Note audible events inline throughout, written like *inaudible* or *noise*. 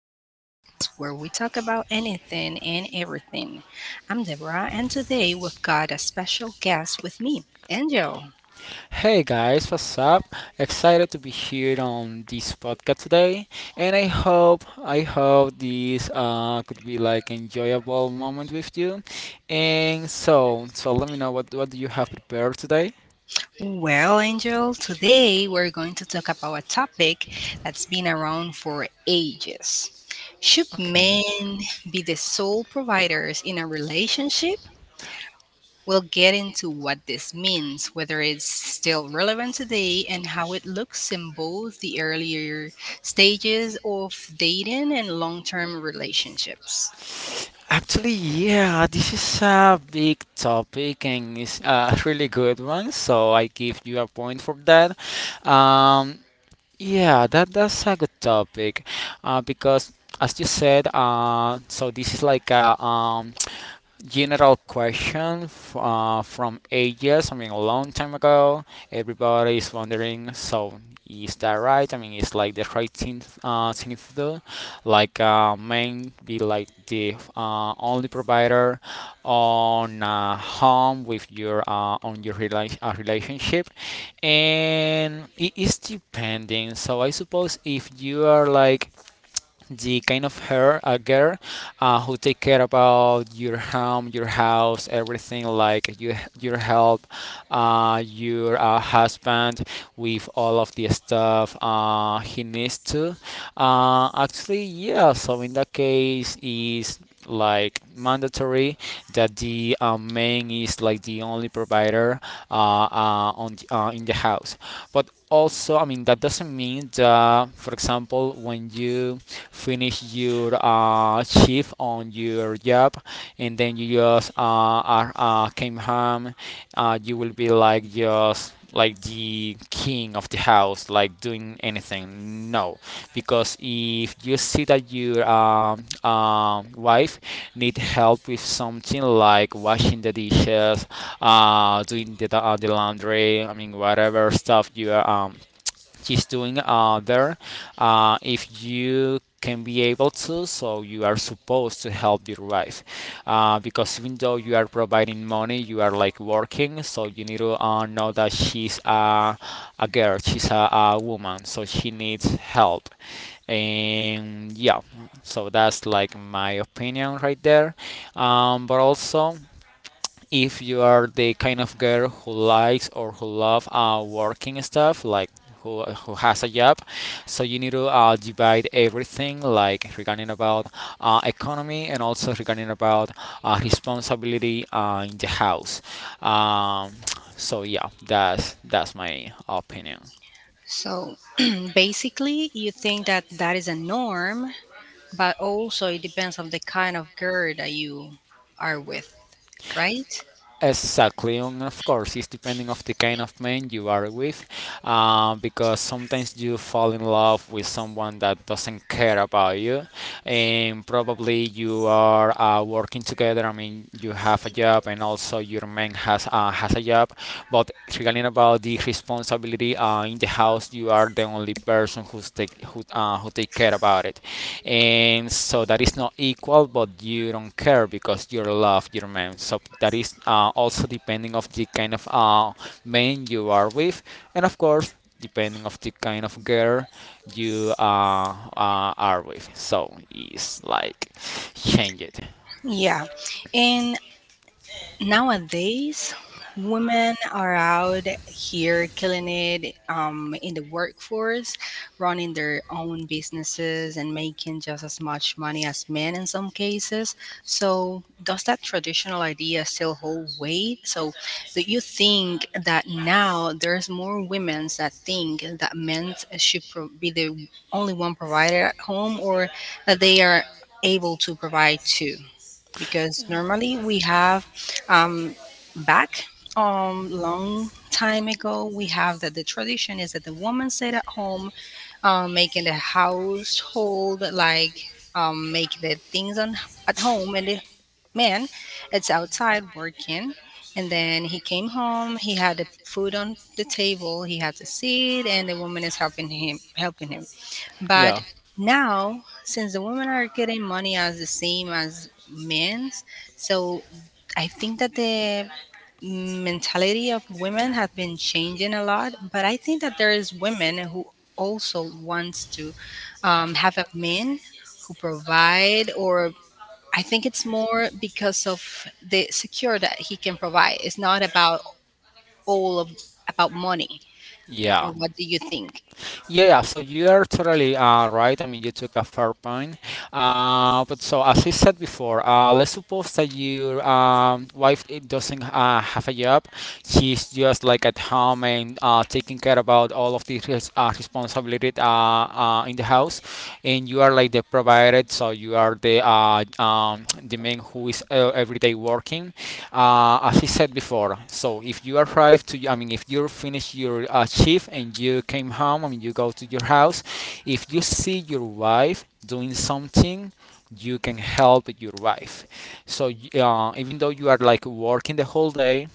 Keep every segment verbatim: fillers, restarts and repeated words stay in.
the podcast where we talk about anything and everything. I'm Deborah, and today we've got a special guest with me, Angel. Hey guys, what's up? Excited to be here on this podcast today, and I hope I hope this uh, could be like enjoyable moment with you. And so, so let me know what what do you have prepared today? Well, Angel, today we're going to talk about a topic that's been around for ages. Should Okay. men be the sole providers in a relationship? We'll get into what this means, whether it's still relevant today, and how it looks in both the earlier stages of dating and long term relationships. Actually, yeah, this is a big topic and it's a really good one, so I give you a point for that. Um, Yeah, that that's a good topic, uh, because as you said, uh, so this is like a um, general question f- uh, from ages. I mean, a long time ago. Everybody is wondering. So, is that right? I mean, it's like the right thing, uh, thing to do. Like, uh, men be like the uh, only provider on a home with your uh, on your rela- uh, relationship, and it is depending. So, I suppose if you are like the kind of her a girl uh, who take care about your home, your house, everything like you, your help, uh, your uh, husband with all of the stuff uh, he needs to. Uh, actually, yeah. So in that case, is like mandatory that the uh, man is like the only provider uh, uh, on the, uh, in the house. But also, I mean that doesn't mean that, for example, when you finish your uh, shift on your job and then you just uh, are, uh, came home uh, you will be like just like the king of the house like doing anything no, because if you see that your um, um, wife need help with something like washing the dishes, uh, doing the, uh, the laundry. I mean whatever stuff you are um, what is doing uh, there, uh, if you can be able to, so you are supposed to help your wife, uh, because even though you are providing money, you are like working, so you need to uh, know that she's a, a girl, she's a, a woman, so she needs help. And yeah, so that's like my opinion right there. Um, but also, if you are the kind of girl who likes or who love uh, working stuff, like who, who has a job, so you need to uh, divide everything like regarding about uh, economy, and also regarding about uh, responsibility uh, in the house. um, so yeah, that's that's my opinion. So *clears throat* basically, you think that that is a norm, but also it depends on the kind of girl that you are with, right? Exactly, and of course, it's depending of the kind of man you are with, uh, because sometimes you fall in love with someone that doesn't care about you, and probably you are uh, working together. I mean, you have a job, and also your man has uh, has a job. But regarding about the responsibility uh, in the house, you are the only person who's take who uh, who take care about it. And so that is not equal, but you don't care because you love your man, so that is uh, also depending of the kind of uh, man you are with, and of course depending of the kind of girl you uh, uh, are with, so it's like change it. Yeah. And nowadays, women are out here killing it um, in the workforce, running their own businesses and making just as much money as men in some cases. So, does that traditional idea still hold weight? So, do you think that now there's more women that think that men should pro- be the only one provider at home, or that they are able to provide too? Because normally we have, um, back, um long time ago, we have that the tradition is that the woman stayed at home, um, making the household, like um, making the things on at home, and the man, it's outside working, and then he came home, he had the food on the table, he had to sit, and the woman is helping him helping him, but Yeah, now, since the women are getting money as the same as men's, so I think that the mentality of women have been changing a lot. But I think that there is women who also wants to um, have a man who provide, or I think it's more because of the secure that he can provide. It's not about all of about money, yeah. or what do you think? Yeah, yeah, so you are totally uh, right. I mean, you took a fair point. Uh, but so, as I said before, uh, let's suppose that your um, wife it doesn't uh, have a job. She's just like at home and uh, taking care about all of the res- uh, responsibility uh, uh, in the house, and you are like the provider. So you are the uh, um, the man who is uh, every day working, uh, as I said before, so if you arrive to, I mean, if you finish your uh, shift and you came home, I mean, you go to your house, if you see your wife doing something, you can help your wife. So uh, even though you are like working the whole day,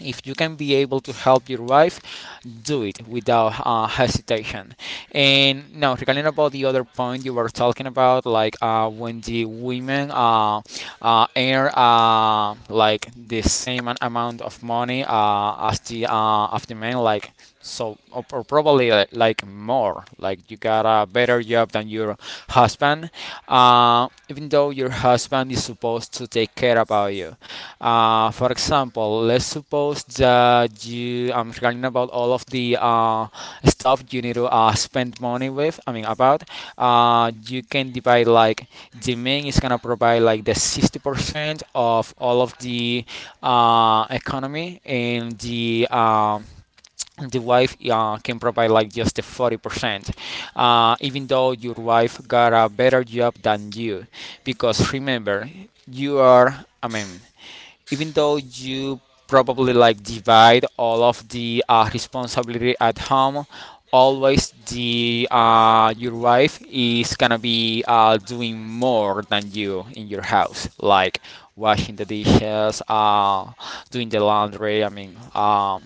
if you can be able to help your wife, do it without uh, hesitation. And now regarding about the other point you were talking about, like uh, when the women uh, uh, earn uh, like the same an- amount of money uh, as the uh, as the men, like, so or, or probably li- like more, like you got a better job than your husband, uh, even though your husband is supposed to take care about you. Uh, for example, let's suppose that you, I'm forgetting about all of the uh, stuff you need to uh, spend money with. I mean about uh, you can divide like the main is gonna provide like the sixty percent of all of the uh, economy, and the um, the wife uh, can provide like just the forty percent, uh, even though your wife got a better job than you, because remember, you are, I mean, even though you probably like divide all of the uh, responsibility at home, always the uh, your wife is gonna be uh, doing more than you in your house, like washing the dishes, uh, doing the laundry. I mean, um,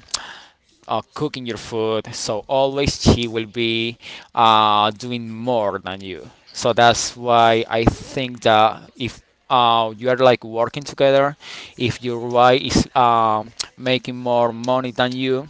uh, cooking your food. So always she will be uh, doing more than you. So that's why I think that if uh, you are like working together, if your wife is um, making more money than you,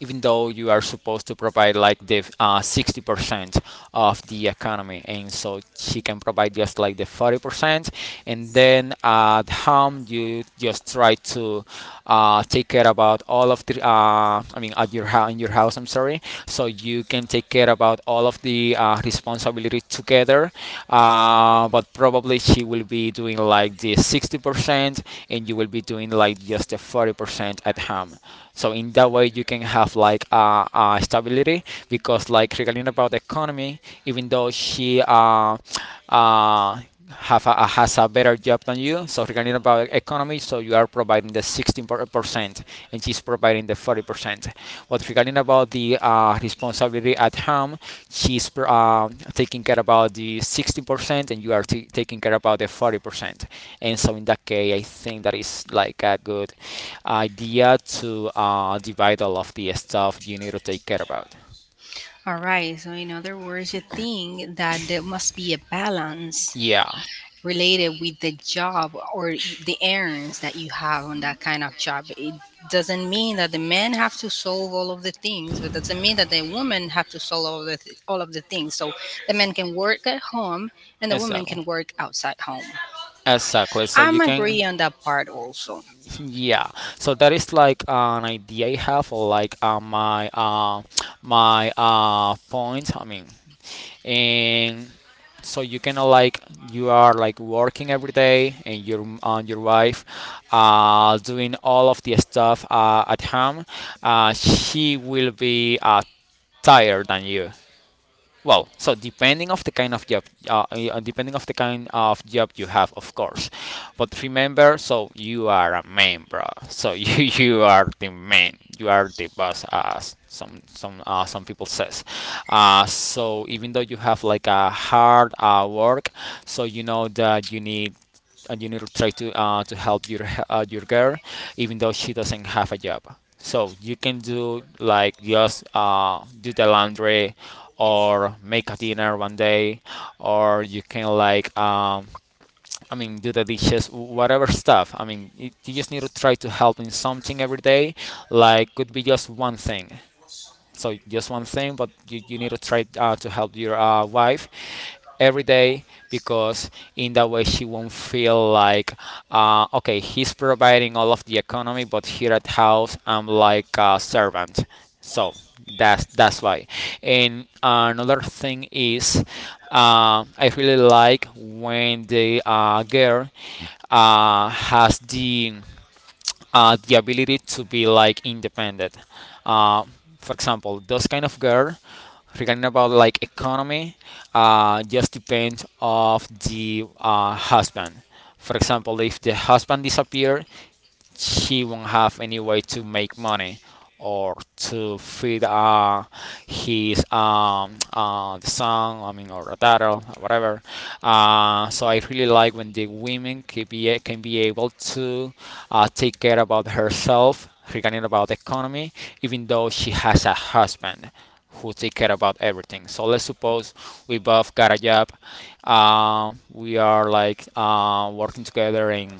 even though you are supposed to provide like the uh, sixty percent of the economy, and so she can provide just like the forty percent, and then at home you just try to uh, take care about all of the uh, I mean at your house in your house I'm sorry, so you can take care about all of the uh, responsibility together, uh, but probably she will be doing like the sixty percent and you will be doing like just the forty percent at home. So in that way you can have like uh, uh, stability, because like regarding about the economy, even though she uh, uh, have a, has a better job than you, so regarding about economy, so you are providing the sixteen percent and she's providing the forty percent, but regarding about the uh, responsibility at home, she's uh, taking care about the sixty percent and you are t- taking care about the forty percent. And so in that case, I think that is like a good idea to uh, divide all of the stuff you need to take care about. All right. So in other words, you think that there must be a balance Yeah, related with the job or the errands that you have on that kind of job. It doesn't mean that the men have to solve all of the things, but doesn't mean that the women have to solve all of the th- all of the things. So the men can work at home and the women exactly. can work outside home. Exactly. So you I'm agree can, on that part also. yeah. So that is like an idea I have, like uh, my uh, my uh, point. I mean, and so you kind of like, you are like working every day, and your and your wife uh, doing all of the stuff uh, at home, uh, she will be uh, tired than you. Well, so depending of the kind of job, uh, uh, depending of the kind of job you have, of course. But remember, so you are a man, bro. So *laughs* you you are the man. You are the boss, as some some uh, some people says. Uh, so even though you have like a hard uh, work, so you know that you need, and you need to try to uh, to help your uh, your girl, even though she doesn't have a job. So you can do like just uh, do the laundry, or make a dinner one day, or you can like um, I mean do the dishes, whatever stuff. I mean it, you just need to try to help in something every day. Like could be just one thing. So just one thing, but you, you need to try uh, to help your uh, wife every day, because in that way she won't feel like, uh, okay, he's providing all of the economy but here at house I'm like a servant. So that's that's why. And another thing is, uh, I really like when the uh, girl uh, has the uh, the ability to be like independent. Uh, for example, those kind of girl, regarding about like economy, uh, just depend of the uh, husband. For example, if the husband disappear, she won't have any way to make money or to feed uh, his um, uh, the son, I mean, or a daughter, or whatever. Uh, so I really like when the women can be can be able to uh, take care about herself regarding about the economy, even though she has a husband who take care about everything. So let's suppose we both got a job, um, we are like uh, working together in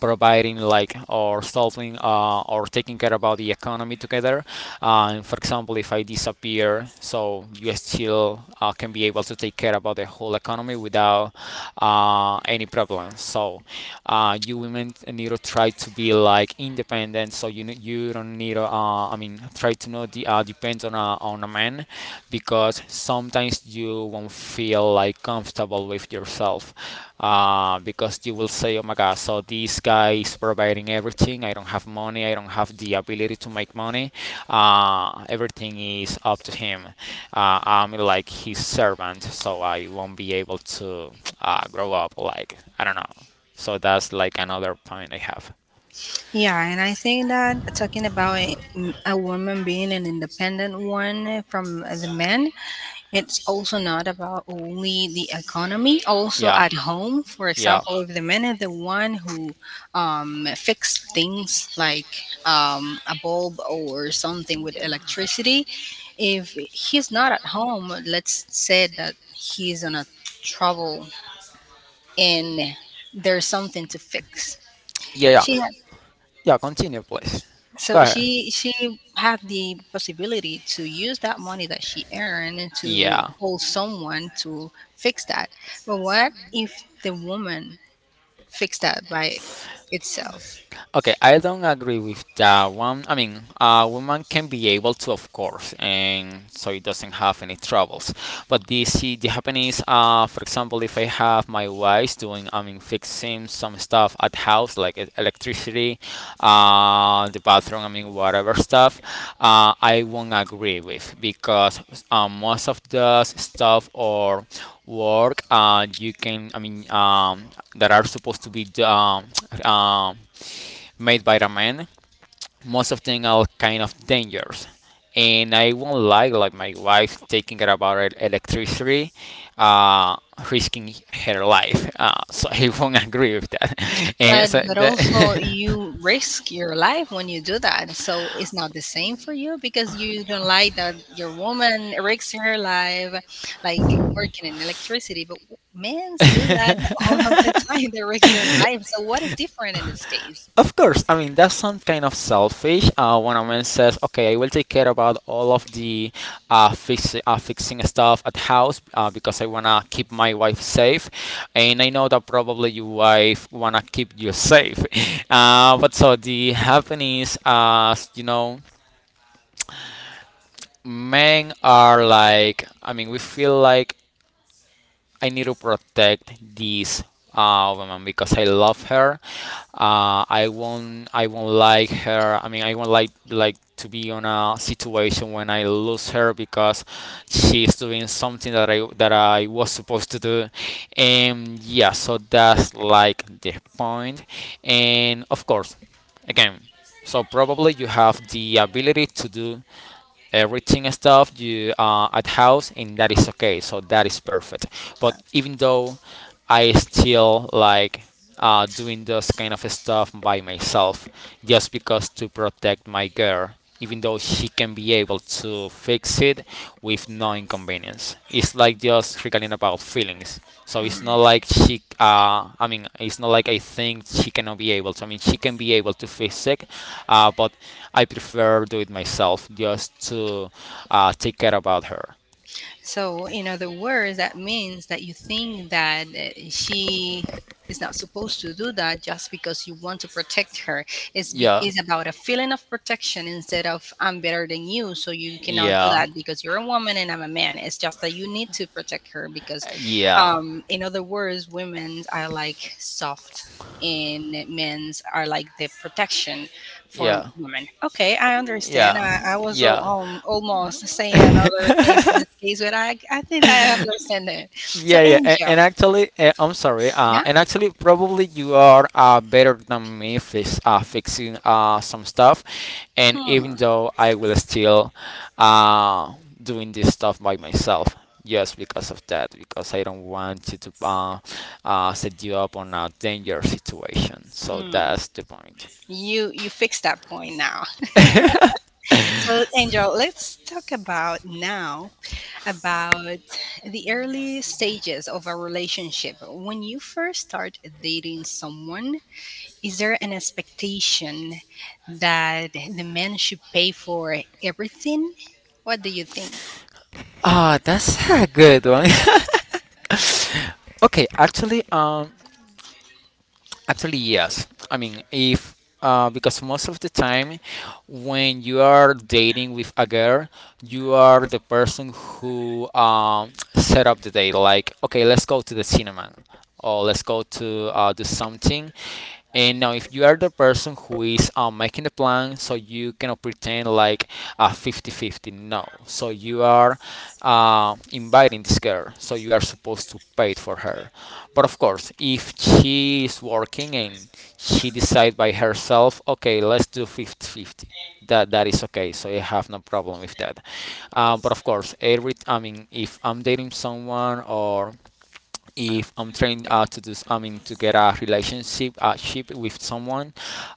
providing like, or solving, uh, or taking care about the economy together. Uh, and for example, if I disappear, so you still uh, can be able to take care about the whole economy without uh, any problems. So uh, you women need to try to be like independent. So you you don't need to, uh, I mean try to not de- uh, depend on a on a man because sometimes you won't feel like comfortable with yourself, uh, because you will say, "Oh my god, so this guy is providing everything. I don't have money. I don't have the ability to make money. Uh, everything is up to him. uh, I'm like his servant, so I won't be able to uh, grow up, like, I don't know." So that's like another point I have. Yeah, and I think that talking about a, a woman being an independent one from the men, it's also not about only the economy, also Yeah. at home. For Yeah. example, if the men are the one who um, fix things, like um, a bulb or something with electricity, if he's not at home, let's say that he's on a trouble, and there's something to fix. Yeah. Yeah. She Yeah, continue please. Go So ahead. she she had the possibility to use that money that she earned to Yeah. call someone to fix that. But what if the woman fixed that by itself? Okay, I don't agree with that one. I mean, a woman can be able to, of course, and so it doesn't have any troubles. But the see, the happen is, uh, for example, if I have my wife doing, I mean, fixing some stuff at house like e- electricity, uh, the bathroom, I mean, whatever stuff, uh, I won't agree with because uh, most of the stuff or work, uh, you can, I mean, um, that are supposed to be, um, um, made by the men, most of them are kind of dangerous. And I won't like like my wife taking it about electricity, uh, risking her life. Uh, *laughs* so I won't agree with that. *laughs* And But so but that also you risk your life when you do that. So it's not the same for you because you don't like that your woman risks her life, like working in electricity. But men do that *laughs* *laughs* all of the *laughs* time. They risk their life. So what is different in this case? Of course, I mean that's some kind of selfish. Uh, when a man says, "Okay, I will take care about all of the uh, fix, uh, fixing stuff at house, uh, because I wanna keep my wife safe," and I know that probably your wife wanna keep you safe. *laughs* Uh, but so the happenings, uh, you know, men are like, I mean, we feel like I need to protect this uh, woman because I love her. Uh, I won't I won't like her. I mean, I won't like like to be on a situation when I lose her because she's doing something that I that I was supposed to do. And yeah, so that's like the point. And of course, again, so probably you have the ability to do everything stuff you, uh, at house, and that is okay, so that is perfect. But even though, I still like uh, doing those kind of stuff by myself just because to protect my girl, even though she can be able to fix it with no inconvenience. It's like just regarding about feelings. So it's Mm. not like she, uh, I mean, it's not like I think she cannot be able to. I mean, she can be able to fix it, uh, but I prefer do it myself just to uh, take care about her. So, in other words, that means that you think that uh, she is not supposed to do that just because you want to protect her. It's, be- Yeah, It's about a feeling of protection instead of I'm better than you, so you cannot do yeah, that because you're a woman and I'm a man. It's just that you need to protect her because, yeah, um, in other words, women are like soft, and men's are like the protection for yeah. women. Okay, I understand. Yeah, I, I was al- yeah. Um, almost saying another things in this *laughs* case, but I, I think I understand it. So, Yeah, yeah, and, and Angel, actually, uh, I'm sorry, uh, yeah, and actually, probably you are uh, better than me fix, uh, fixing uh, some stuff, and hmm, even though I will still uh, doing this stuff by myself, just because of that, because I don't want you to uh, uh, set you up on a dangerous situation. So hmm. that's the point. you you fixed that point now. *laughs* *laughs* So, Angel, let's talk about now about the early stages of a relationship. When you first start dating someone, is there an expectation that the man should pay for everything? What do you think? Ah, that's *laughs* a good one. *laughs* okay, actually, um, actually, yes. I mean, if, uh, because most of the time, when you are dating with a girl, you are the person who um set up the date. Like, okay, let's go to the cinema, or let's go to uh, do something. And now, if you are the person who is, um, making the plan, so you cannot pretend like a fifty fifty. No. So you are uh, inviting this girl. So you are supposed to pay for her. But of course, if she is working and she decides by herself, okay, let's do fifty fifty. That, that is okay, so I have no problem with that. Uh, but of course, every I mean, if I'm dating someone or if I'm trying uh, to do, I mean, to get a relationship, a ship with someone,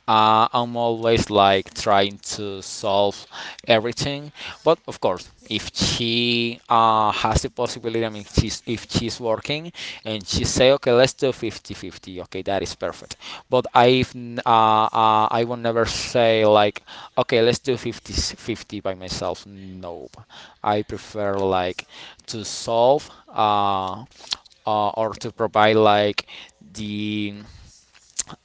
uh, I'm always like trying to solve everything. But of course, if she uh, has the possibility, I mean, she's, if she's working and she say, okay, let's do fifty fifty. Okay, that is perfect. But I've uh, uh, I will never say like, okay, let's do fifty fifty by myself. No. I prefer like to solve, uh, uh, or to provide like the,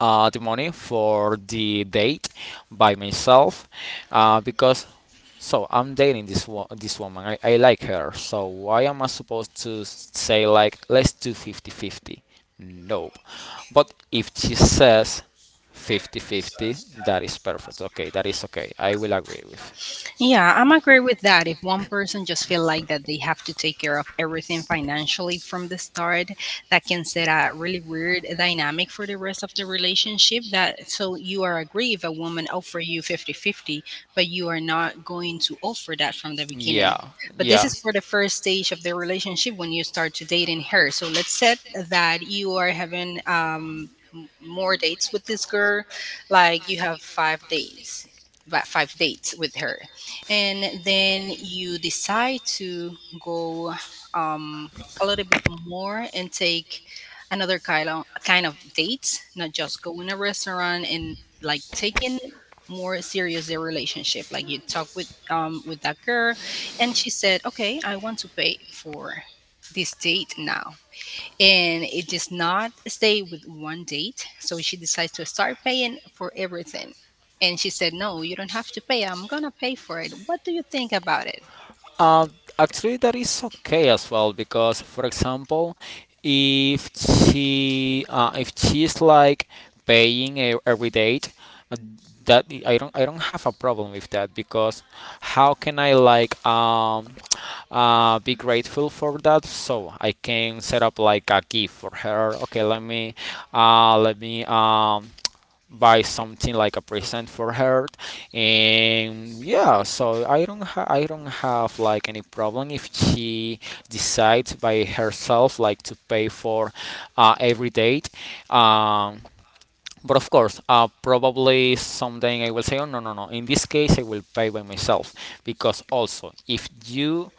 uh, the money for the date by myself, uh, because so I'm dating this wo- this woman. I, I like her. So why am I supposed to say like, let's do fifty fifty? Nope. But if she says fifty fifty, that is perfect. Okay, that is okay. I will agree with. Yeah, I'm agree with that. If one person just feel like that they have to take care of everything financially from the start, that can set a really weird dynamic for the rest of the relationship. That so you are agree if a woman offer you fifty fifty, but you are not going to offer that from the beginning. Yeah. But this Yeah. is for the first stage of the relationship when you start to dating her. So let's set that you are having um m- more dates with this girl, like you have five days, about five dates with her, and then you decide to go um, a little bit more and take another kind of kind of dates, not just go in a restaurant and like taking more serious their relationship. Like you talk with um with that girl, and she said, "Okay, I want to pay for this date now." And it does not stay with one date. So she decides to start paying for everything. And she said, "No, you don't have to pay. I'm going to pay for it." What do you think about it? Uh, Actually, that is okay as well because, for example, if she uh, if she's like paying e- every date, uh, that I don't I don't have a problem with that because how can I, like, um uh, be grateful for that? So I can set up like a gift for her. Okay, let me uh, let me um. Buy something like a present for her. And yeah, so i don't ha- i don't have like any problem if she decides by herself like to pay for uh, every date. um but of course, uh, probably someday I will say, oh, no, no, no, in this case I will pay by myself. Because also if you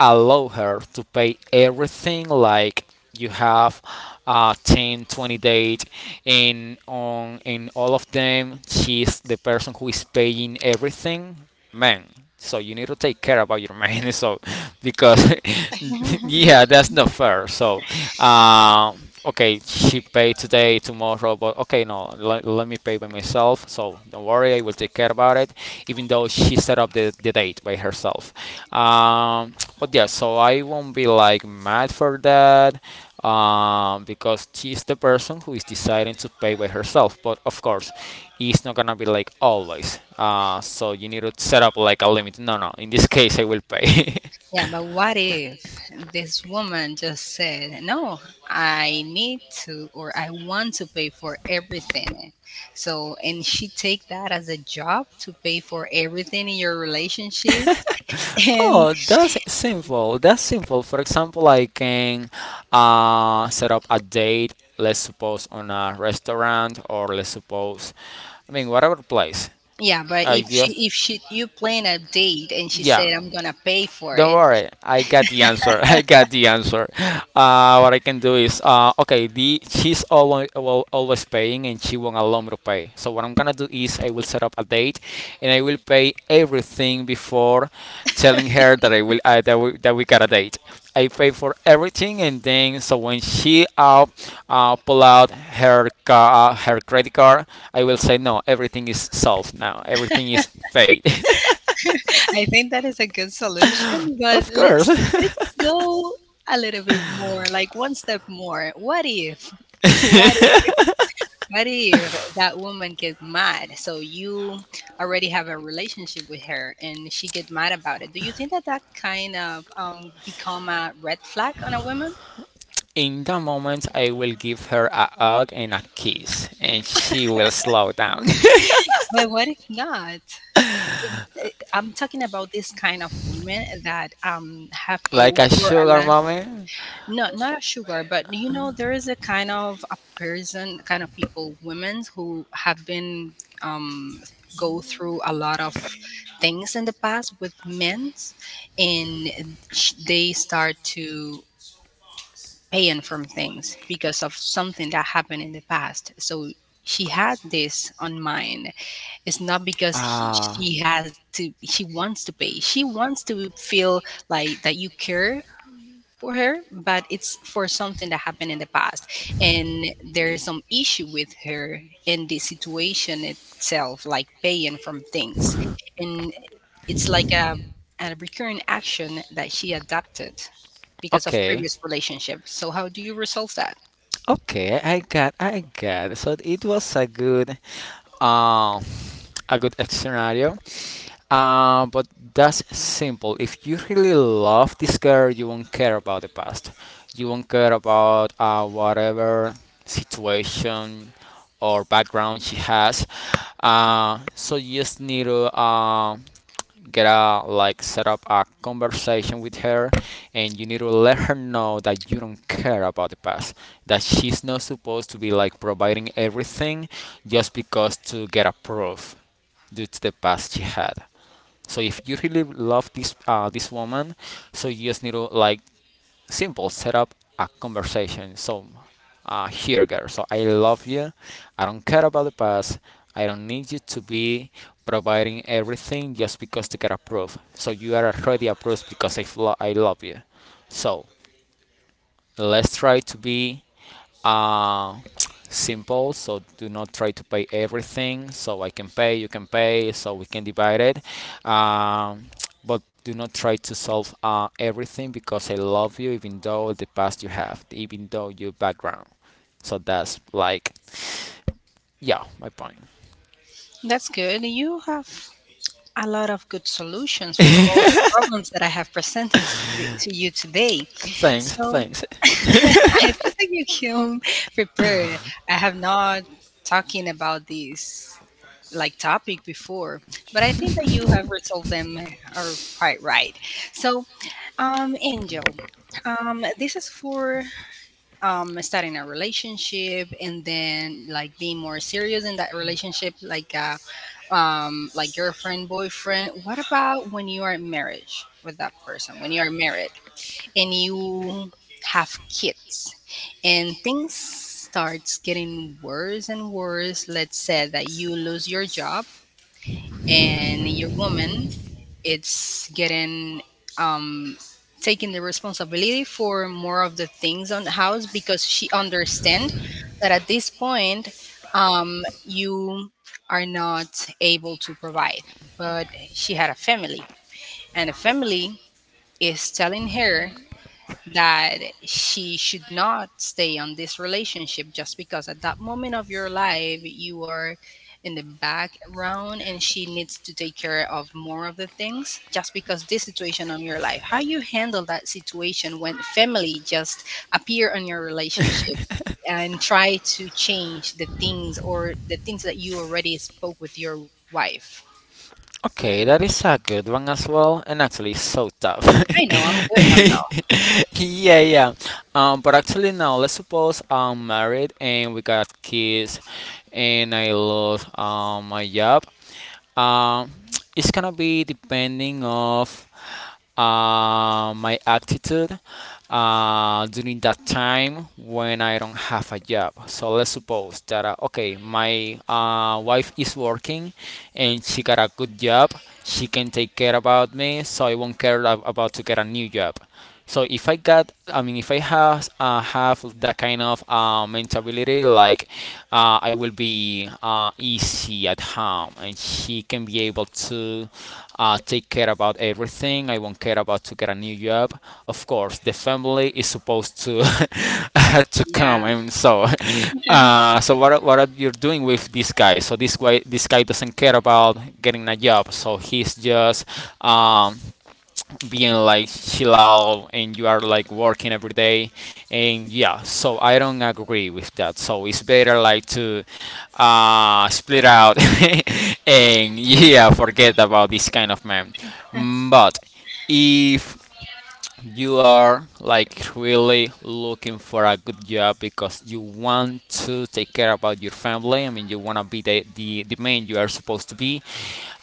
allow her to pay everything, like you have, uh, ten twenty date, and on in all of them she's the person who is paying everything, man. So you need to take care about your money. *laughs* So because, *laughs* yeah, *laughs* that's not fair. So uh, okay, she pay today, tomorrow, but okay, no, let, let me pay by myself. So don't worry, I will take care about it. Even though she set up the, the date by herself. Um, but yeah, so I won't be like mad for that, um, because she's the person who is deciding to pay by herself. But of course, it's not gonna be like always. Uh, so you need to set up like a limit. No, no, in this case, I will pay. *laughs* Yeah, but what if this woman just said, "No, I need to, or I want to pay for everything?" So, and she take that as a job to pay for everything in your relationship. *laughs* And... Oh, that's simple. That's simple. For example, I can uh, set up a date, let's suppose on a restaurant or let's suppose, I mean, whatever place. Yeah, but I if just, she if she you plan a date and she yeah, said, "I'm gonna pay for don't it." worry, I got the answer. *laughs* I got the answer. Uh, what I can do is, uh, okay, the she's always always paying, and she won't allow me to pay. So what I'm gonna do is, I will set up a date, and I will pay everything before telling her that I will uh, that we that we got a date. I pay for everything, and then so when she, uh, uh pull out her ca- uh, her credit card, I will say, no, everything is solved now. Everything is paid. *laughs* *laughs* I think that is a good solution. But Of let's let's course. go a little bit more, like one step more. What if... *laughs* what if *laughs* what if that woman get mad? So you already have a relationship with her and she get mad about it. Do you think that that kind of um become a red flag on a woman? In that moment, I will give her a hug and a kiss, and she will slow down. But what if not? Eh, I'm talking about this kind of women that um have *laughs* Like go a for a sugar lot. moment. No, not a sugar, but you know there is a kind of a person, kind of people, women who have been um go through a lot of things in the past with men's, and sh- they start to paying from things because of something that happened in the past. So she had this on mind. It's not because he, Ah, she has to, she wants to pay. She wants to feel like that you care for her, but it's for something that happened in the past. And there is some issue with her in the situation itself, like paying from things. And it's like a, a recurring action that she adopted because of okay. previous relationships. So, how do you resolve that? Okay, I got, I got. So it was a good, um, a good scenario. Uh, but that's simple. If you really love this girl, you won't care about the past. You won't care about uh, whatever situation or background she has. Uh, so you just need to uh, get a like set up a conversation with her, and you need to let her know that you don't care about the past. That she's not supposed to be like providing everything just because to get approved due to the past she had. So if you really love this uh, this woman, so you just need to like simple set up a conversation. So uh, here, girl. So I love you. I don't care about the past. I don't need you to be providing everything just because to get approved. So you are already approved because I, flo- I love you. So let's try to be uh, simple. So do not try to pay everything, so I can pay, you can pay, so we can divide it. um, but do not try to solve, uh, everything because I love you, even though the past you have, even though your background. So that's like, yeah, my point. That's good. You have a lot of good solutions for all the *laughs* problems that I have presented to to you today. Thanks, So thanks. *laughs* I think that you can prepare. I have not talking about this like topic before, but I think that you have resolved them, uh, are quite right. So, um, Angel, um, this is for um starting a relationship and then like being more serious in that relationship, like uh um like girlfriend boyfriend. What about when you are in marriage with that person, when you are married and you have kids and things starts getting worse and worse. Let's say that you lose your job and your woman, it's getting, um taking the responsibility for more of the things on the house because she understand that at this point, um you are not able to provide, but she had a family, and the family is telling her that she should not stay on this relationship just because at that moment of your life you are in the background, and she needs to take care of more of the things just because this situation on your life. How you handle that situation when family just appear on your relationship and try to change the things or the things that you already spoke with your wife? Okay, that is a good one as well, and actually so tough. I know, I'm good, I'm *laughs* Yeah, yeah. Um, but actually now let's suppose I'm married and we got kids, and I lost um my job. Um, *tsk* it's gonna be depending of uh, my attitude uh, during that time when I don't have a job. So let's suppose that, uh, okay, my uh, wife is working and she got a good job. She can take care about me, so I won't care ab- about to get a new job. So if I got, I mean, if I have uh, have that kind of uh, mentality, like, uh, I will be uh, easy at home, and she can be able to uh, take care about everything. I won't care about to get a new job. Of course, the family is supposed to *laughs* to come, not, and so yeah. uh, so what are- what are you doing with this guy? So this guy this guy doesn't care about getting a job, so he's just um, being like chill out, and you are like working every day. And yeah, so I don't agree with that, so it's better like to uh split out. *laughs* And yeah, forget about this kind of man. *laughs* Mm, but if you are like really looking for a good job because you want to take care about your family, I mean, you want to be the, the the man you are supposed to be.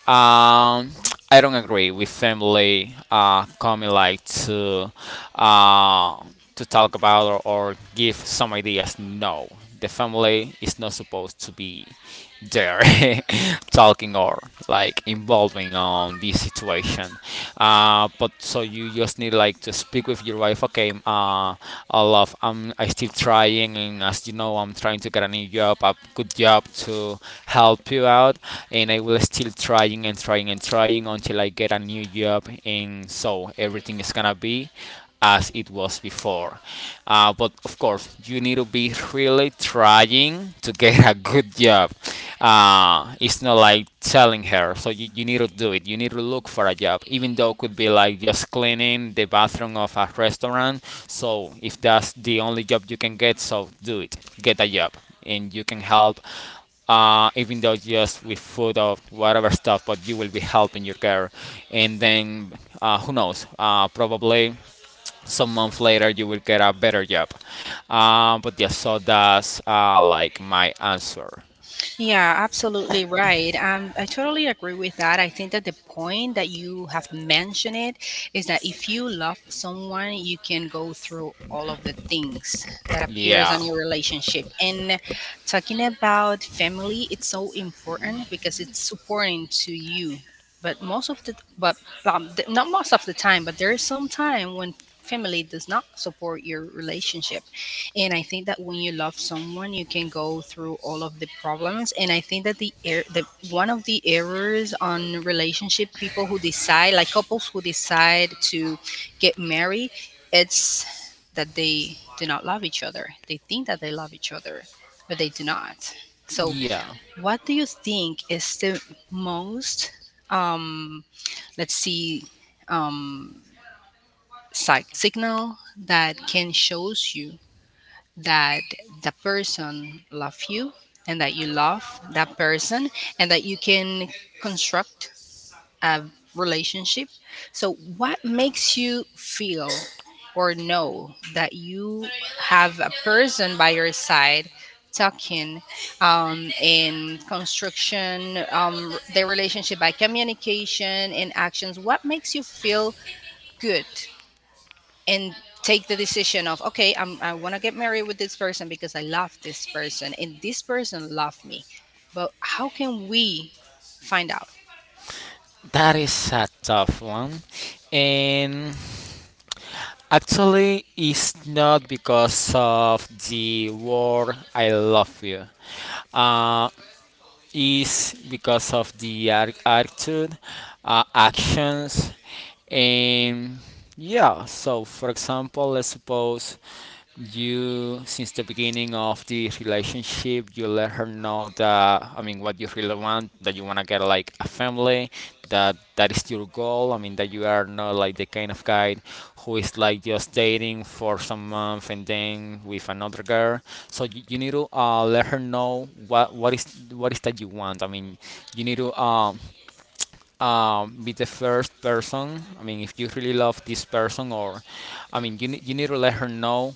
um I don't agree with family uh coming like to uh to talk about, or, or give some ideas. No, the family is not supposed to be there *laughs* talking or like involving on this situation. Uh, but so you just need like to speak with your wife. Okay, uh, I love I'm I still trying, and as you know, I'm trying to get a new job, a good job, to help you out. And I will still trying and trying and trying until I get a new job, and so everything is gonna be as it was before. Uh, but of course, you need to be really trying to get a good job. Uh, it's not like telling her, so you, you need to do it. You need to look for a job, even though it could be like just cleaning the bathroom of a restaurant. So if that's the only job you can get, so do it. Get a job, and you can help. Uh, even though just with food or whatever stuff, but you will be helping your girl, and then uh, who knows? Uh, probably some months later you will get a better job. Um, but yeah, so that's uh, like my answer. Yeah, absolutely right. Um, I totally agree with that. I think that the point that you have mentioned it is that if you love someone, you can go through all of the things that appears on Yeah, your relationship. And talking about family, it's so important because it's supporting to you. But most of the, but um, th- not most of the time, but there is some time when family does not support your relationship. And I think that when you love someone, you can go through all of the problems. And I think that the er- the one of the errors on relationship, people who decide, like couples who decide to get married, it's that they do not love each other. They think that they love each other, but they do not. So yeah, what do you think is the most, um let's see, um psych- signal that can shows you that the person love you, and that you love that person, and that you can construct a relationship? So what makes you feel or know that you have a person by your side, talking, um, in construction um, their relationship by communication and actions? What makes you feel good and take the decision of, okay, I'm, I want to get married with this person because I love this person and this person loved me? But how can we find out? that is a tough one. And actually, it's not because of the word I love you. uh, it's because of the ar- attitude, uh, actions. And yeah, so for example, let's suppose you, since the beginning of the relationship, you let her know that, I mean, what you really want, that you want to get like a family, that that is your goal. I mean, that you are not like the kind of guy who is like just dating for some month and then with another girl. So you, you need to uh, let her know what what is what is that you want. I mean, you need to um um, be the first person. I mean, if you really love this person, or I mean, you, ne- you need to let her know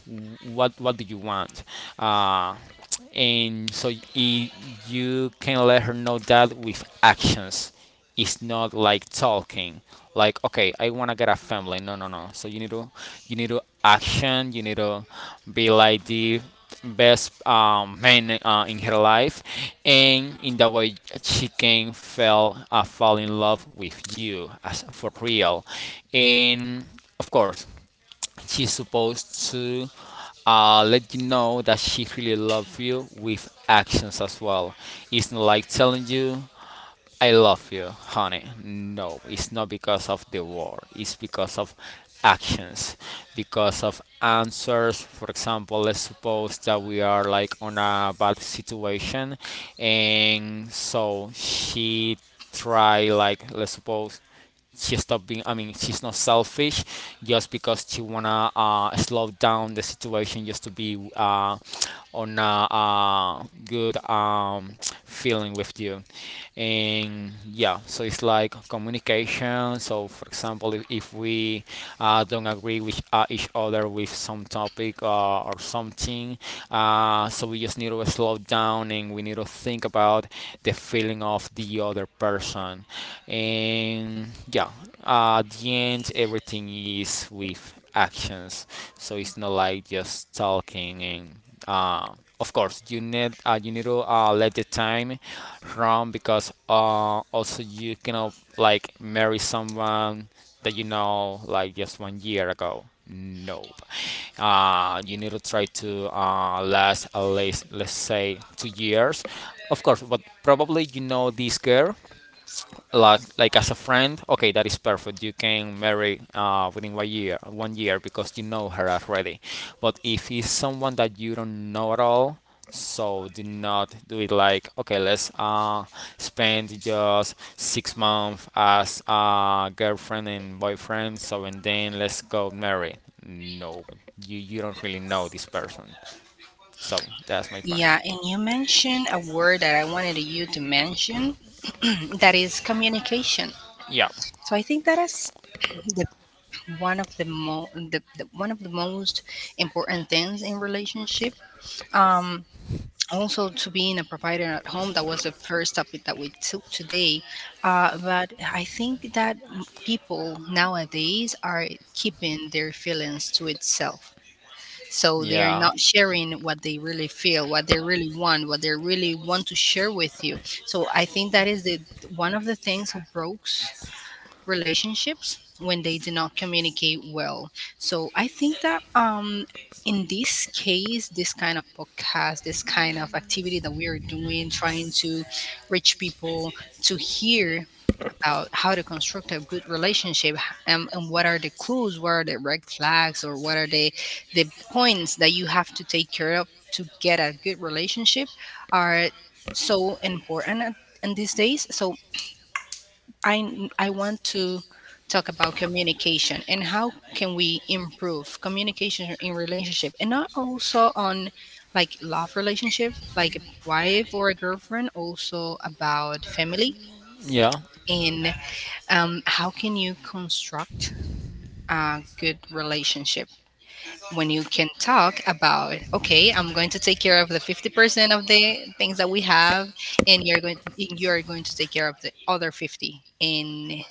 what what do you want. Uh, and so y- you can let her know that with actions. It's not like talking like, okay, I want to get a family. No, no, no. So you need to, you need to action, you need to be like the best um, man uh, in her life. And in that way she can fell uh, fall in love with you as for real. And of course, she's supposed to uh, let you know that she really loves you with actions as well. It's not like telling you, I love you, honey. No, it's not because of the word, it's because of actions, because of answers. For example, let's suppose that we are like on a bad situation, and so she try, like, let's suppose, she stopped being, I mean, she's not selfish, just because she wanna uh, slow down the situation just to be uh, on a, uh good um, feeling with you. And yeah, so it's like communication. So for example, if, if we uh, don't agree with uh, each other with some topic uh, or something. Uh, so we just need to slow down, and we need to think about the feeling of the other person. And yeah, at the end, everything is with actions. So it's not like just talking. And uh, of course, you need uh, you need to uh, let the time run, because uh, also you cannot like marry someone that you know like just one year ago. No, uh, you need to try to uh, last at least, let's say, two years. Of course, but probably you know this girl like like as a friend. Okay, that is perfect. You can marry uh within one year one year because you know her already. But if it's someone that you don't know at all, so do not do it like, okay, let's uh spend just six months as a girlfriend and boyfriend, so and then let's go marry. No, you you don't really know this person. So that's my point. Yeah, and you mentioned a word that I wanted you to mention *clears throat* that is communication. Yeah, So I think that is the, one of the, mo- the, the one of the most important things in relationship. Um, Also to being a provider at home, that was the first topic that we took today. Uh, but I think that m- people nowadays are keeping their feelings to itself, so they are yeah, not sharing what they really feel, what they really want, what they really want to share with you. So I think that is the one of the things that broke relationships when they do not communicate well. So I think that, um, in this case, this kind of podcast, this kind of activity that we are doing, trying to reach people to hear about how to construct a good relationship, um, and what are the clues, what are the red flags, or what are the the points that you have to take care of to get a good relationship are so important at- in these days. So I I want to talk about communication and how can we improve communication in relationship, and not also on like love relationship like a wife or a girlfriend, also about family. yeah. And um, how can you construct a good relationship when you can talk about, okay, I'm going to take care of the fifty percent of the things that we have, and you're going you're going to take care of the other fifty, and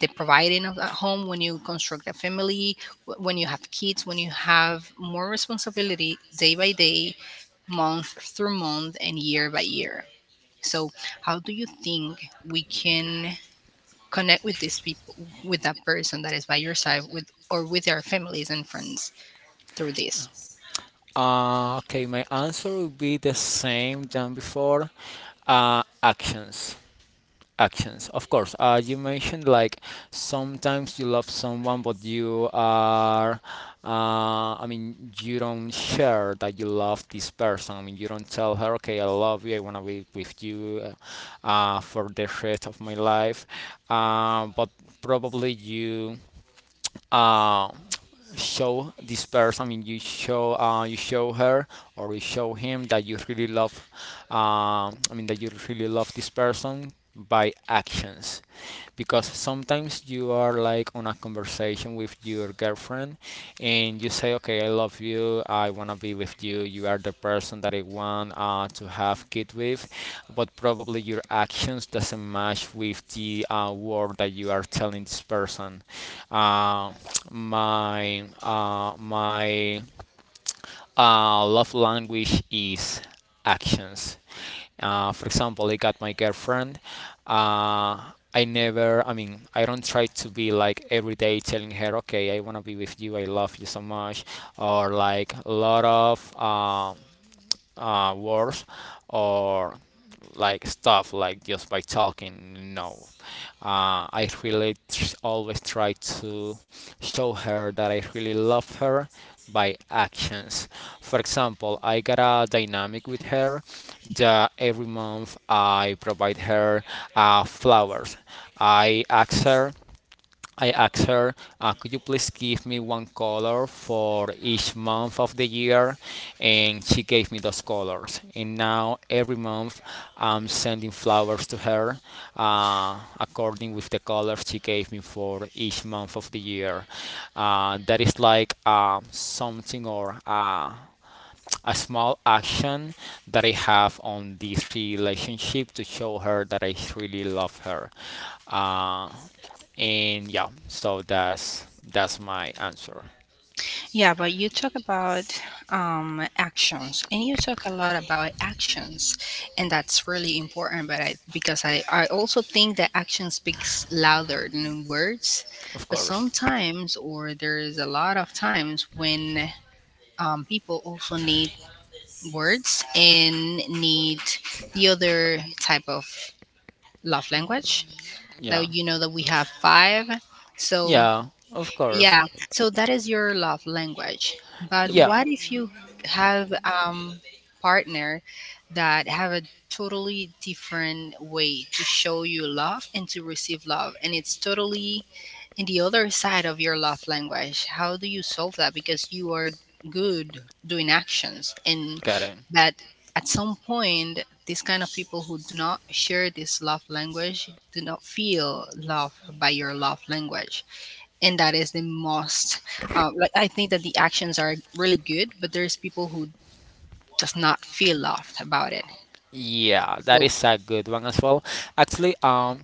the providing of that home when you construct a family, wh- when you have kids, when you have more responsibility day by day, month through month, and year by year. So how do you think we can connect with these people, with that person that is by your side, with or with their families and friends, through this? Uh, okay, my answer would be the same than before. Uh, actions, actions. Of course. Uh, you mentioned like sometimes you love someone, but you are. Uh, I mean, you don't share that you love this person. I mean, you don't tell her, okay, I love you. I wanna be with you uh, uh, for the rest of my life. Uh, but probably you. Um, show this person. I mean, you show uh, you show her, or you show him that you really love. Um, I mean, that you really love this person by actions, because sometimes you are like on a conversation with your girlfriend, and you say, okay, I love you, I want to be with you, you are the person that I want uh, to have kid with. But probably your actions doesn't match with the uh, word that you are telling this person. uh, my uh, my uh, love language is actions. Uh, for example, I got my girlfriend. Uh, I never, I mean, I don't try to be like every day telling her, okay, I want to be with you, I love you so much, or like a lot of um, uh, words, or like stuff like just by talking. No, uh, I really tr- always try to show her that I really love her by actions. For example, I got a dynamic with her that every month I provide her uh, flowers. I ask her I asked her, uh, could you please give me one color for each month of the year? And she gave me those colors. And now every month I'm sending flowers to her uh, according with the colors she gave me for each month of the year. Uh, that is like um, something or uh, a small action that I have on this relationship to show her that I really love her. Uh, and yeah, so that's that's my answer. Yeah, but you talk about um, actions, and you talk a lot about actions, and that's really important. But I, because I, I also think that action speaks louder than words. Of But course. sometimes, or there is a lot of times when, um, people also need words and need the other type of love language. Yeah. That you know that we have five. So Yeah, of course. yeah, so that is your love language. But Yeah. what if you have, um, partner that have a totally different way to show you love and to receive love, and it's totally in the other side of your love language? How do you solve that, because you are good doing actions and, Got it. but at some point these kind of people who do not share this love language do not feel love by your love language. And that is the most, um, like, I think that the actions are really good, but there's people who does not feel loved about it. Yeah, that So is a good one as well. Actually, um,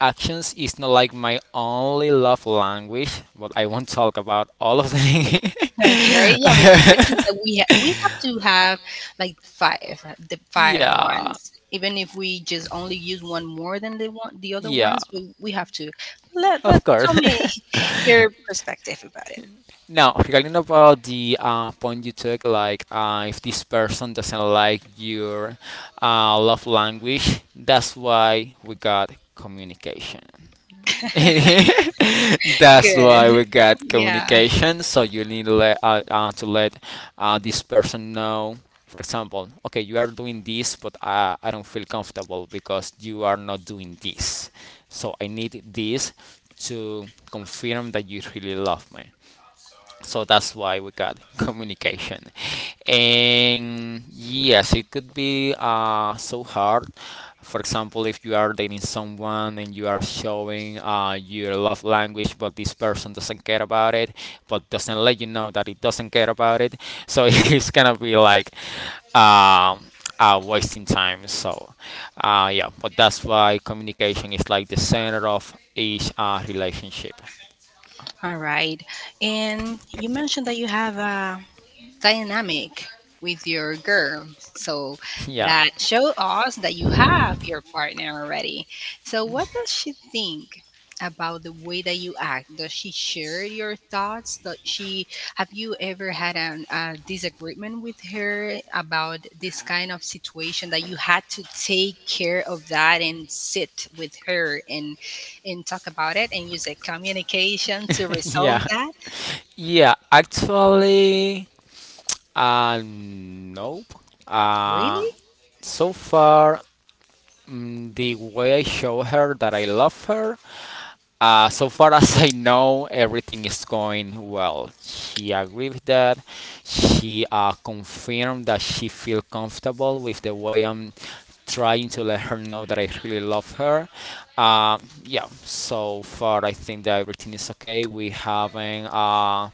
actions is not like my only love language, but I won't talk about all of them. okay, yeah, because I think that we ha- we have to have like five, uh, the *laughs* five Yeah, ones, even if we just only use one more than the one, the other yeah, ones, we, we have to, let, let of course. tell me *laughs* your perspective about it. *laughs* Now, regarding about the uh, point you took, like, uh, if this person doesn't like your uh, love language, that's why we got communication. *laughs* That's Good. why we *laughs* got Yeah. communication. So you need to let uh, uh, to let uh, this person know. For example, okay, you are doing this, but uh, I don't feel comfortable because you are not doing this. So I need this to confirm that you really love me. So that's why we got *laughs* communication. And yes, it could be uh, so hard. For example, if you are dating someone and you are showing uh, your love language, but this person doesn't care about it, but doesn't let you know that it doesn't care about it, so *laughs* it's gonna be like um, uh, wasting time. So uh, yeah, but that's why communication is like the center of each uh, relationship. All right, and you mentioned that you have a dynamic with your girl. So *laughs* Yeah. that show us that you have your partner already. So what does she think about the way that you act? Does she share your thoughts? Does she, have you ever had an, a disagreement with her about this kind of situation that you had to take care of that and sit with her and and talk about it and use a communication to *laughs* resolve Yeah. that? Yeah, actually, uh, nope. Uh, Really? so far, mm, the way I show her that I love her, uh, so far *laughs* as I know, everything is going well. She agreed with that. She uh, confirmed that she feel comfortable with the way I'm trying to let her know that I really love her. Uh, yeah, so far I think that everything is okay. We haven't uh,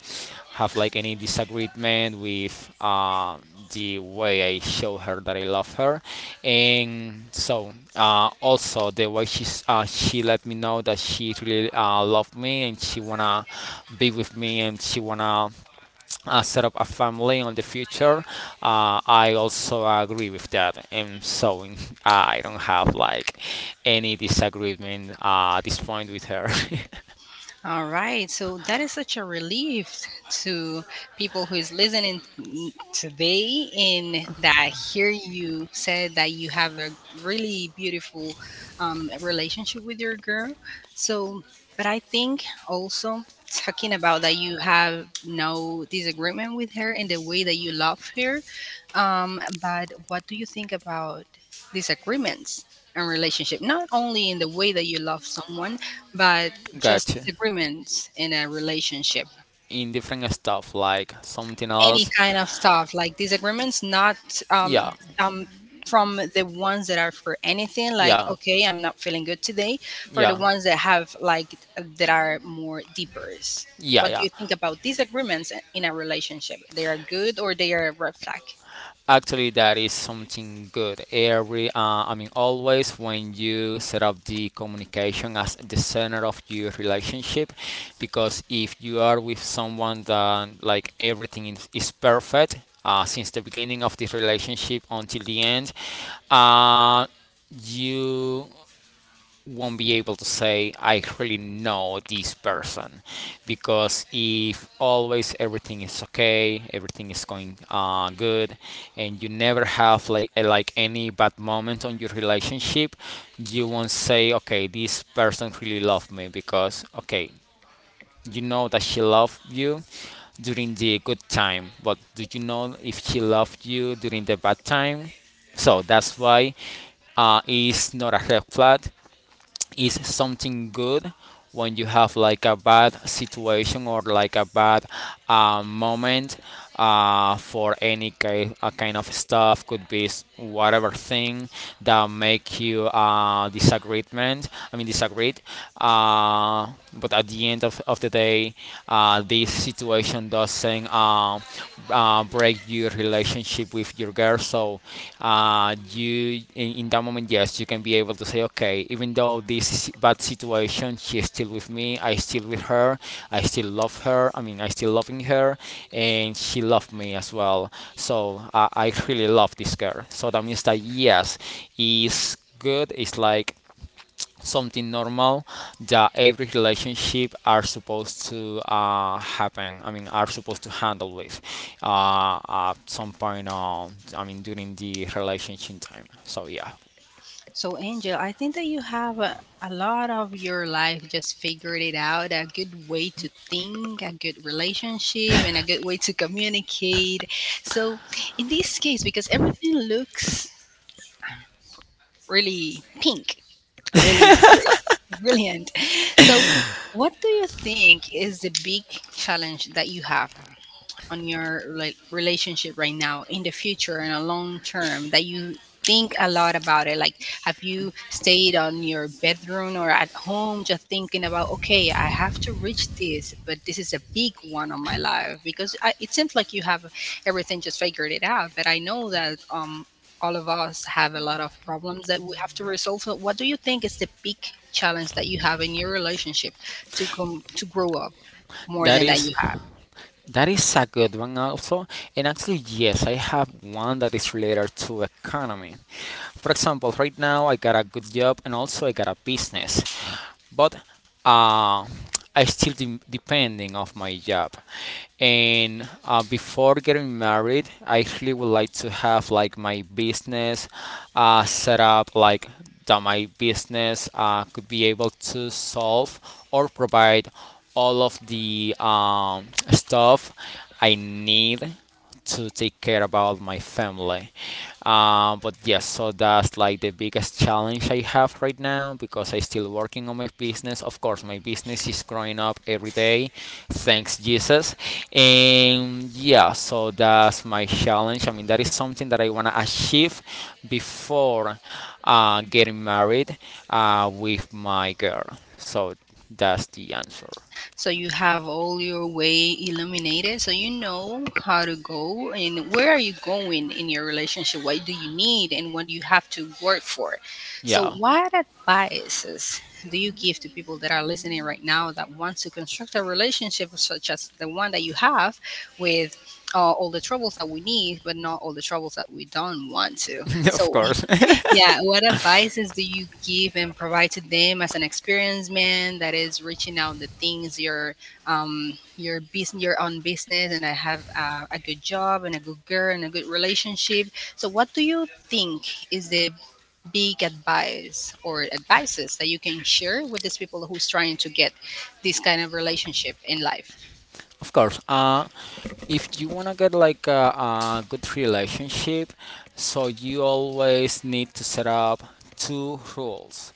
have like any disagreement with uh, the way I show her that I love her, and so uh, also the way she's uh, she let me know that she really uh, loved me, and she wanna be with me, and she wanna uh, set up a family in the future. Uh, I also agree with that, and so in, uh, I don't have like any disagreement uh, at this point with her. All right, so that is such a relief to people who is listening today, and that hear you said that you have a really beautiful, um, relationship with your girl. So, but I think also talking about that you have no disagreement with her and the way that you love her. Um, but what do you think about disagreements and relationship, not only in the way that you love someone, but *laughs* just Gotcha. disagreements in a relationship? In different stuff, like something Any else. kind of stuff like disagreements, not, um Yeah, um from the ones that are for anything, like yeah, okay, I'm not feeling good today, for the yeah, ones that have, like, that are more deeper. yeah, What do yeah. you think about disagreements in a relationship? They are good or they are a red flag? Actually, that is something good. Every, uh, I mean, always when you set up the communication as the center of your relationship, because if you are with someone that like everything is, is perfect uh, since the beginning of the relationship until the end, uh, you won't be able to say I really know this person because if always everything is okay, everything is going uh, good, and you never have like a- like any bad moment on your relationship, you won't say okay, this person really loved me. Because okay, you know that she loved you during the good time, but do you know if she loved you during the bad time? So that's why uh, it's not a red flag, is something good. When you have like a bad situation or like a bad uh, moment uh, for any ki- uh, kind of stuff, could be s- whatever thing that make you uh, disagreement I mean disagreed, uh, but at the end of, of the day, uh, this situation doesn't uh, uh, break your relationship with your girl. So uh, you, in, in that moment, yes, you can be able to say, okay, even though this is bad situation, she's still with me. I still with her. I still love her. I mean, I still loving her, and she loved me as well. So uh, I really love this girl. So that means that, yes, is good. It's like something normal that every relationship are supposed to uh, happen I mean are supposed to handle with uh, at some point on I mean during the relationship time. So yeah, So, Angel, I think that you have a, a lot of your life just figured it out, a good way to think, a good relationship, and a good way to communicate. So, in this case, because everything looks really pink, really bri- brilliant. So, what do you think is the big challenge that you have on your rela- relationship right now, in the future, in a long term, that you think a lot about it? Like, have you stayed on your bedroom or at home just thinking about, okay, I have to reach this, but this is a big one on my life, because I, it seems like you have everything just figured it out, but I know that um all of us have a lot of problems that we have to resolve. So what do you think is the big challenge that you have in your relationship to come to grow up more that than that is, you have? that is a good one also. And actually, yes, I have one that is related to economy. For example, right now I got a good job and also I got a business. But uh, I still de- depending of my job. And uh, before getting married, I actually would like to have like my business uh, set up like that my business uh, could be able to solve or provide all of the um, stuff I need to take care about my family. Um, but yes, so that's like the biggest challenge I have right now, because I'm still working on my business. Of course, my business is growing up every day, thanks Jesus. And yeah, so that's my challenge. I mean, that is something that I want to achieve before uh, getting married uh, with my girl. So that's the answer. So you have all your way illuminated, so you know how to go and where are you going in your relationship, what do you need, and what you have to work for. So Yeah, what advices do you give to people that are listening right now that want to construct a relationship such as the one that you have, with uh, all the troubles that we need, but not all the troubles that we don't want to? *laughs* of So course. *laughs* yeah, what advices do you give and provide to them as an experienced man that is reaching out the things, your um your business, your own business, and I have uh, a good job and a good girl and a good relationship. So what do you think is the big advice or advices that you can share with these people who's trying to get this kind of relationship in life? Of course. Uh, if you want to get like a, a good relationship, so you always need to set up two rules,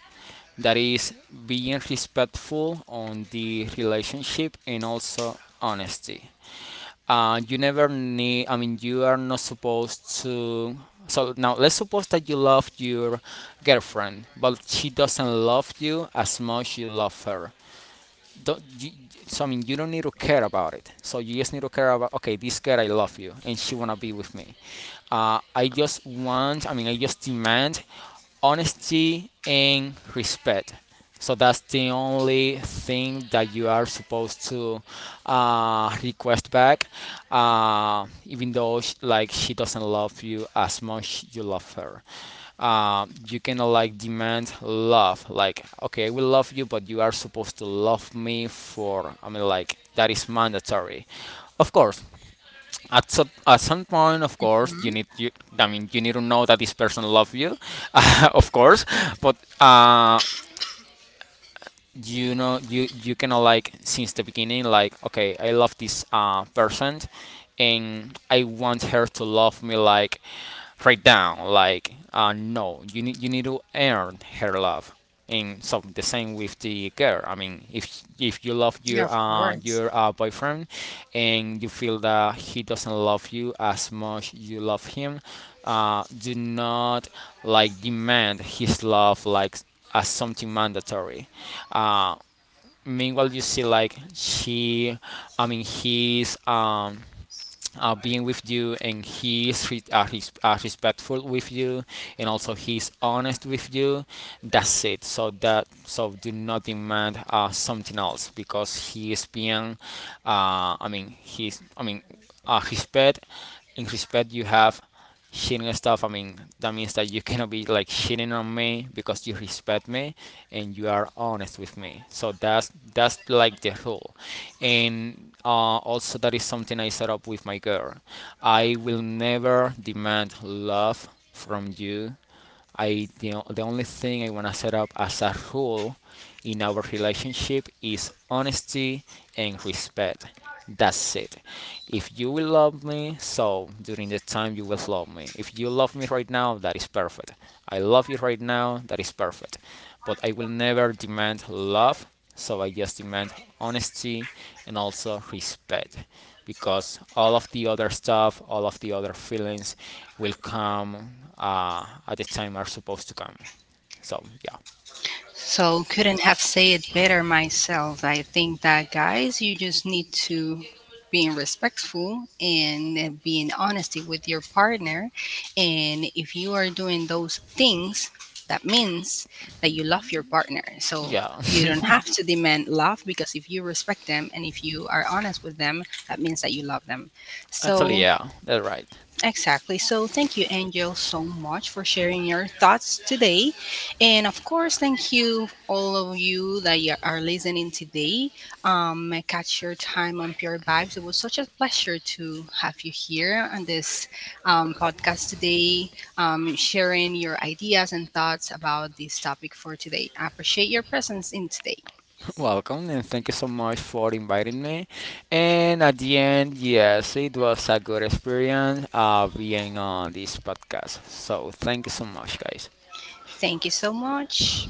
that is being respectful on the relationship and also honesty. Uh, you never need, i mean you are not supposed to, so now let's suppose that you love your girlfriend but she doesn't love you as much you love her. Don't you, so I mean you don't need to care about it. So you just need to care about, okay, this girl I love you and she wanna be with me. Uh, I just want, I mean, I just demand honesty and respect. So that's the only thing that you are supposed to uh, request back, uh, even though sh- like she doesn't love you as much you love her. Uh, you cannot like demand love. Like okay, I will love you, but you are supposed to love me for. I mean, like that is mandatory. Of course, at some, at some point of course you Mhm. need, you I mean you need to know that this person loves you. *laughs* Of course. But uh, you know, you you kind of like, since the beginning, like okay, I love this uh person and I want her to love me like right down. Like, uh, no, you need you need to earn her love. And so the same with the girl. I mean if if you love your Yeah, of uh course. your uh, boyfriend and you feel that he doesn't love you as much you love him, uh do not like demand his love like as something mandatory. Uh, Meanwhile, you see like he, I mean, he's um, uh, being with you, and he's re- uh, res- uh, respectful with you, and also he's honest with you. That's it. So that, so do not demand uh, something else, because he is being, uh, I mean, he's I mean, uh, respect, in respect, you have shitting stuff. I mean that means that you cannot be like shitting on me because you respect me and you are honest with me. So that's that's like the rule. And uh, also that is something I set up with my girl. I will never demand love from you. I the, the only thing I want to set up as a rule in our relationship is honesty and respect. That's it. If you will love me, so during the time you will love me. If you love me right now, that is perfect. I love you right now, that is perfect. But I will never demand love, so I just demand honesty and also respect, because all of the other stuff, all of the other feelings will come uh, at the time are supposed to come. So yeah. So couldn't have said it better myself. I think that, guys, you just need to being respectful and being honesty with your partner. And if you are doing those things, that means that you love your partner. So Yeah, you don't have to demand love, because if you respect them and if you are honest with them, that means that you love them. *laughs* actually So yeah, that's right. exactly. So, thank you, Angel, so much for sharing your thoughts today. And of course, thank you, all of you that you are listening today. Um, catch your time on Pure Vibes. It was such a pleasure to have you here on this, um, podcast today, um, sharing your ideas and thoughts about this topic for today. I appreciate your presence in today. *laughs* Welcome, and thank you so much for inviting me. And at the end, yes, it was a good experience uh, being on this podcast. So thank you so much, guys. Thank you so much.